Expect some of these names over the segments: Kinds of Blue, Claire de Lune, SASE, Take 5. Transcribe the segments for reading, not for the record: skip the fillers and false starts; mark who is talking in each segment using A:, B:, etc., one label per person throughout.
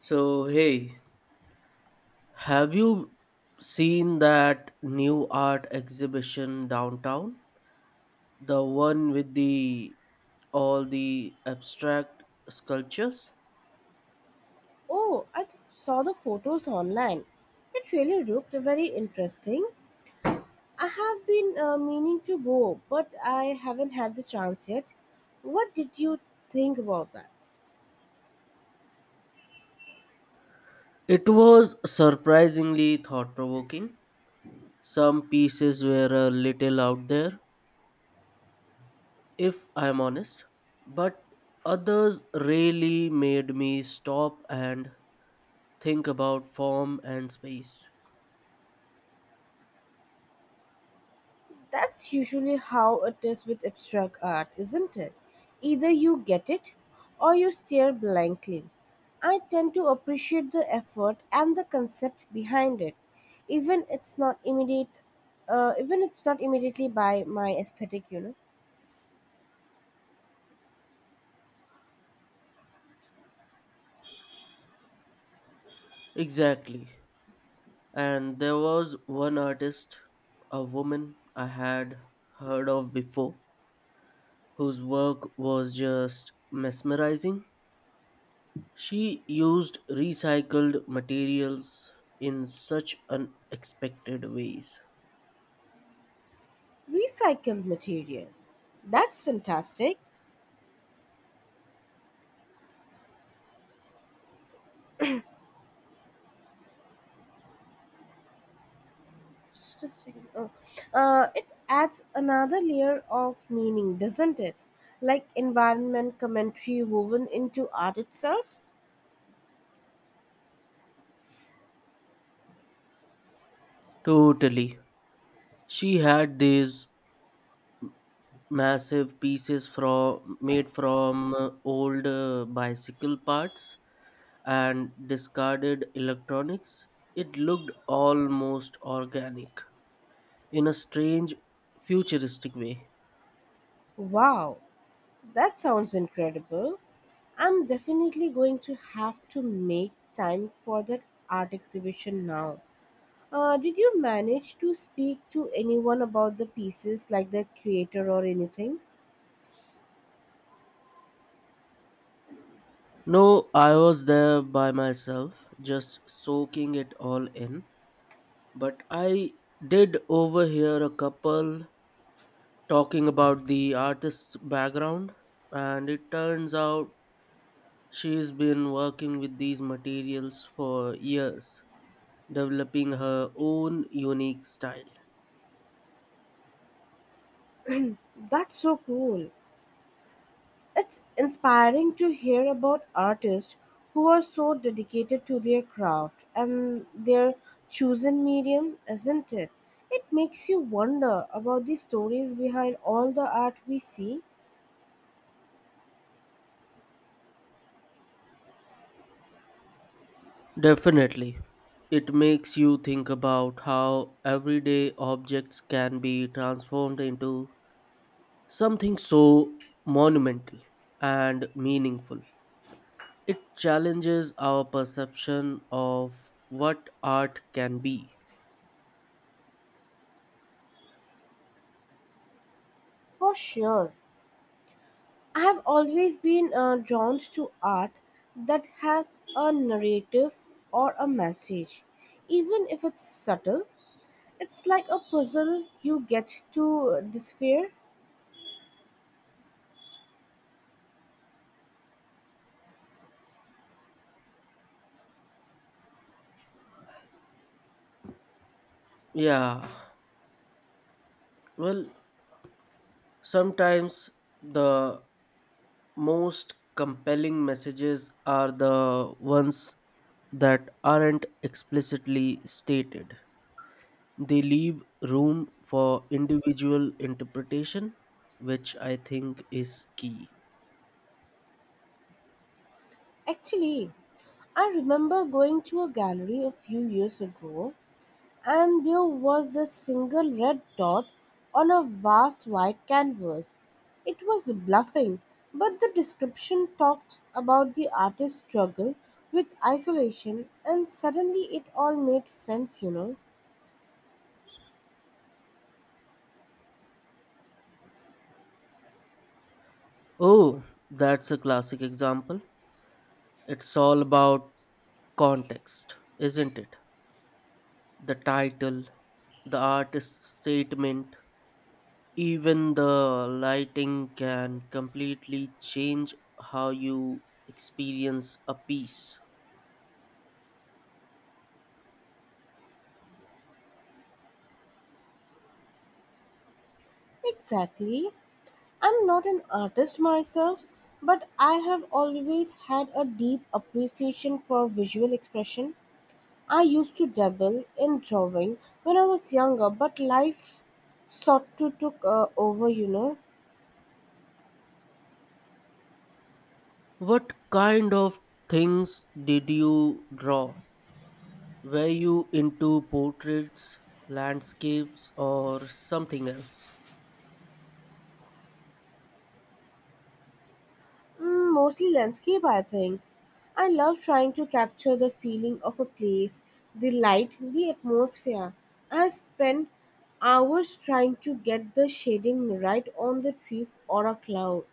A: So, hey, have you seen that new art exhibition downtown? The one with the all the abstract sculptures?
B: Oh, I saw the photos online. It really looked very interesting. I have been meaning to go, but I haven't had the chance yet. What did you think about that?
A: It was surprisingly thought provoking. Some pieces were a little out there, if I'm honest, but others really made me stop and think about form and space.
B: That's usually how it is with abstract art, isn't it? Either you get it or you stare blankly. I tend to appreciate the effort and the concept behind it, even it's not immediate, even it's not immediately by my aesthetic, you know.
A: Exactly. And there was one artist, a woman I had heard of before, whose work was just mesmerizing. She used recycled materials in such unexpected ways.
B: Recycled material. That's fantastic. Just a second. Oh. It adds another layer of meaning, doesn't it? Like environment commentary woven into art itself?
A: Totally. She had these massive pieces from made from old bicycle parts and discarded electronics. It looked almost organic in a strange, futuristic way.
B: Wow, that sounds incredible. I'm definitely going to have to make time for that art exhibition now. Did you manage to speak to anyone about the pieces, like the creator or anything?
A: No, I was there by myself, just soaking it all in. But I did overhear a couple talking about the artist's background, and it turns out she's been working with these materials for years, developing her own unique style.
B: That's so cool. It's inspiring to hear about artists who are so dedicated to their craft and their chosen medium, isn't it? It makes you wonder about the stories behind all the art we see.
A: Definitely. It makes you think about how everyday objects can be transformed into something so monumental and meaningful. It challenges our perception of what art can be.
B: For sure. I have always been drawn to art that has a narrative or a message. Even if it's subtle, it's like a puzzle you get to decipher.
A: Yeah, well, sometimes the most compelling messages are the ones that aren't explicitly stated. They leave room for individual interpretation, which I think is key.
B: Actually, I remember going to a gallery a few years ago and there was this single red dot on a vast white canvas. It was bluffing, but the description talked about the artist's struggle with isolation, and suddenly it all made sense, you know.
A: Oh, that's a classic example. It's all about context, isn't it? The title, the artist's statement, even the lighting can completely change how you experience a piece.
B: Exactly. I'm not an artist myself, but I have always had a deep appreciation for visual expression. I used to dabble in drawing when I was younger, but life sort to took over, you know.
A: What kind of things did you draw? Were you into portraits, landscapes, or something else?
B: Mm, mostly landscape, I think. I love trying to capture the feeling of a place, the light, the atmosphere. I spend hours trying to get the shading right on the tree or a cloud.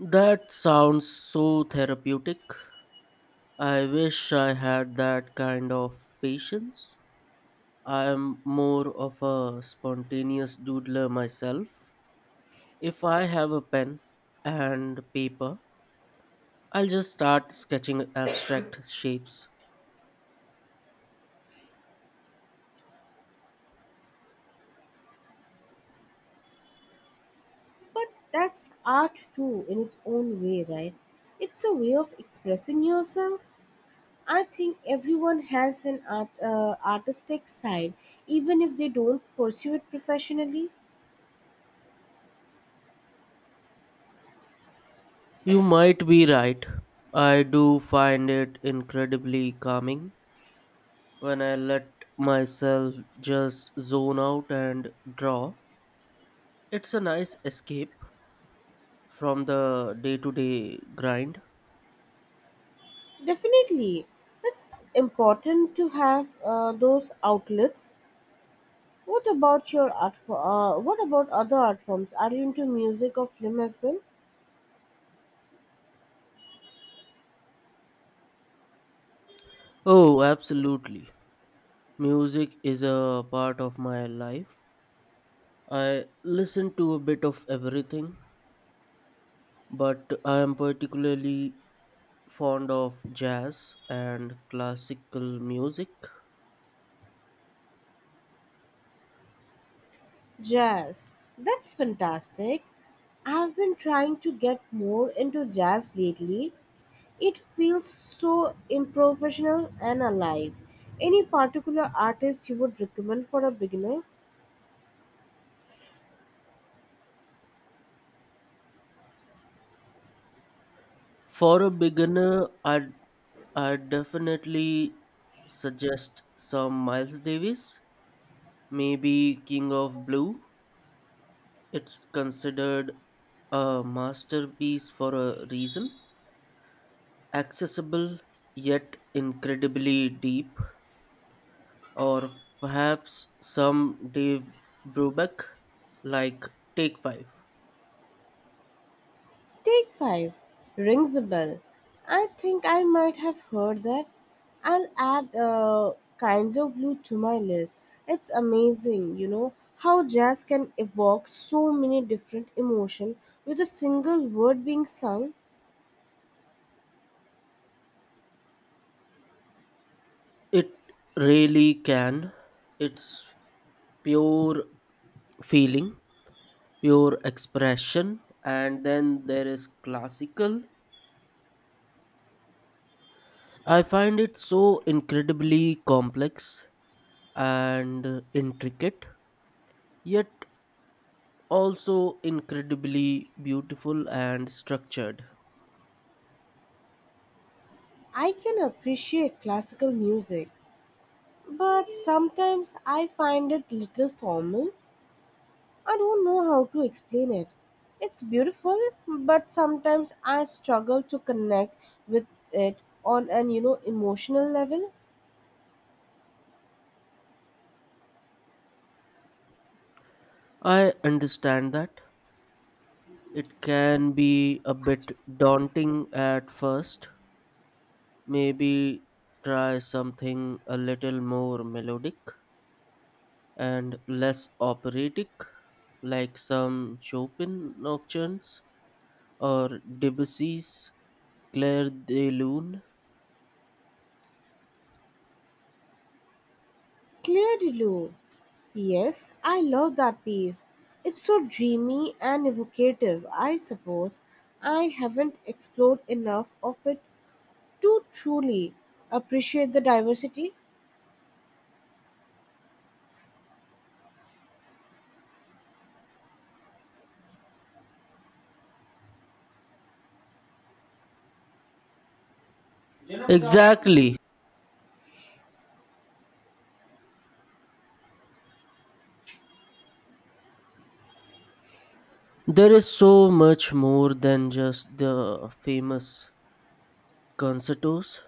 A: That sounds so therapeutic. I wish I had that kind of patience. I am more of a spontaneous doodler myself. If I have a pen and paper, I'll just start sketching abstract shapes.
B: But that's art too, in its own way, right? It's a way of expressing yourself. I think everyone has an artistic side, even if they don't pursue it professionally.
A: You might be right. I do find it incredibly calming when I let myself just zone out and draw. It's a nice escape from the day to day grind.
B: Definitely, it's important to have those outlets. What about your art? What about other art forms? Are you into music or film as well?
A: Oh, absolutely. Music is a part of my life. I listen to a bit of everything, but I am particularly fond of jazz and classical music.
B: Jazz. That's fantastic. I've been trying to get more into jazz lately. It feels so improvisational and alive. Any particular artist you would recommend for a beginner?
A: For a beginner, I'd definitely suggest some Miles Davis, maybe King of Blue. It's considered a masterpiece for a reason, accessible yet incredibly deep, or perhaps some Dave Brubeck, like Take Five.
B: Take 5 rings a bell. I think I might have heard that. I'll add Kinds of Blue to my list. It's amazing, you know, how jazz can evoke so many different emotions with a single word being sung.
A: It really can. It's pure feeling, pure expression, and then there is classical. I find it so incredibly complex and intricate, yet also incredibly beautiful and structured.
B: I can appreciate classical music, but sometimes I find it little formal. I don't know how to explain it. It's beautiful, but sometimes I struggle to connect with it on an you know emotional level.
A: I understand that. It can be a bit daunting at first. Maybe try something a little more melodic and less operatic, like some Chopin nocturnes or Debussy's Clair de Lune.
B: Claire de Lune. Yes, I love that piece. It's so dreamy and evocative, I suppose. I haven't explored enough of it to truly appreciate the diversity.
A: Exactly. There is so much more than just the famous concertos,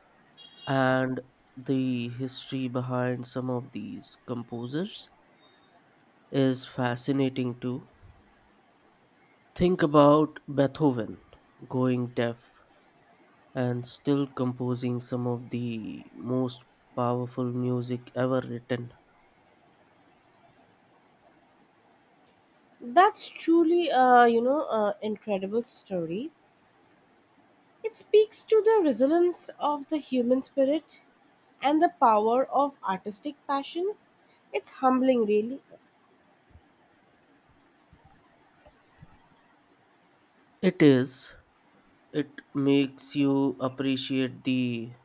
A: and the history behind some of these composers is fascinating too. Think about Beethoven going deaf and still composing some of the most powerful music ever written.
B: That's truly a you know a incredible story. It speaks to the resilience of the human spirit and the power of artistic passion. It's humbling, really.
A: It is, it makes you appreciate the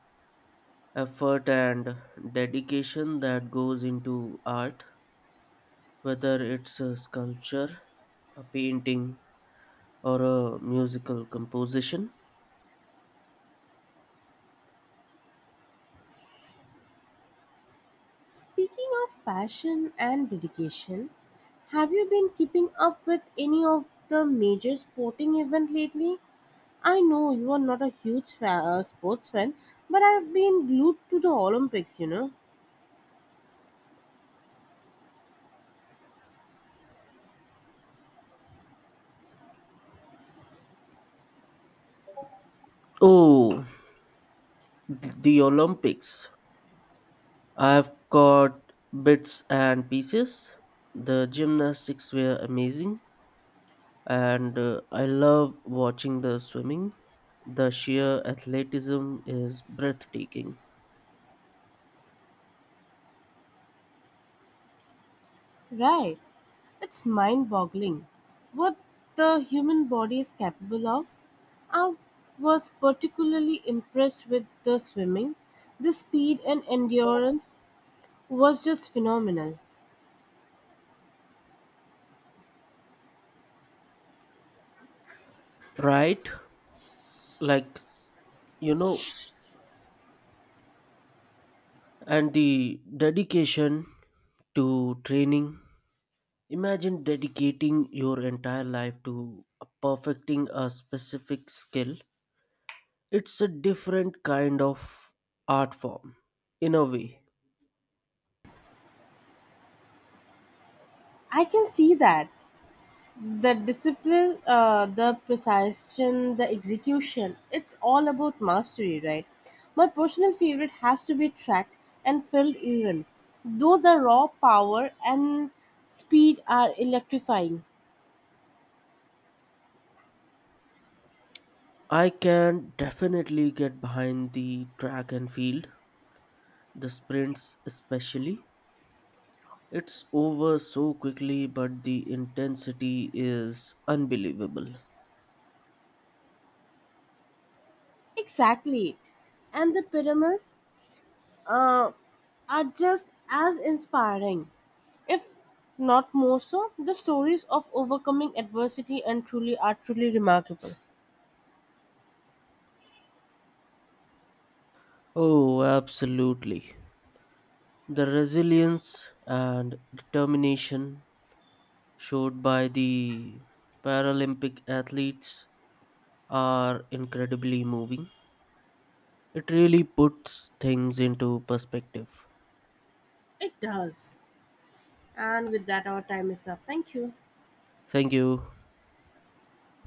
A: effort and dedication that goes into art, whether it's a sculpture, a painting, or a musical composition.
B: Speaking of passion and dedication, have you been keeping up with any of the major sporting event lately? I know you are not a huge sports fan, but I've been glued to the Olympics. You know,
A: Oh, the Olympics. I've got bits and pieces. The gymnastics were amazing, and I love watching the swimming. The sheer athleticism is breathtaking,
B: right? It's mind boggling what the human body is capable of. I was particularly impressed with the swimming. The speed and endurance was just phenomenal.
A: right? Like, you know, and the dedication to training. Imagine dedicating your entire life to perfecting a specific skill. It's a different kind of art form, in a way.
B: I can see that. The discipline, the precision, the execution, it's all about mastery, right? My personal favorite has to be tracked and filled even, though the raw power and speed are electrifying.
A: I can definitely get behind the track and field, the sprints especially. It's over so quickly, but the intensity is unbelievable.
B: Exactly. And the pyramids uh, are just as inspiring, if not more so. The stories of overcoming adversity and truly are truly remarkable.
A: Oh, absolutely. The resilience and determination showed by the Paralympic athletes are incredibly moving. It really puts things into perspective.
B: It does. And with that, our time is up. Thank you.
A: Thank you.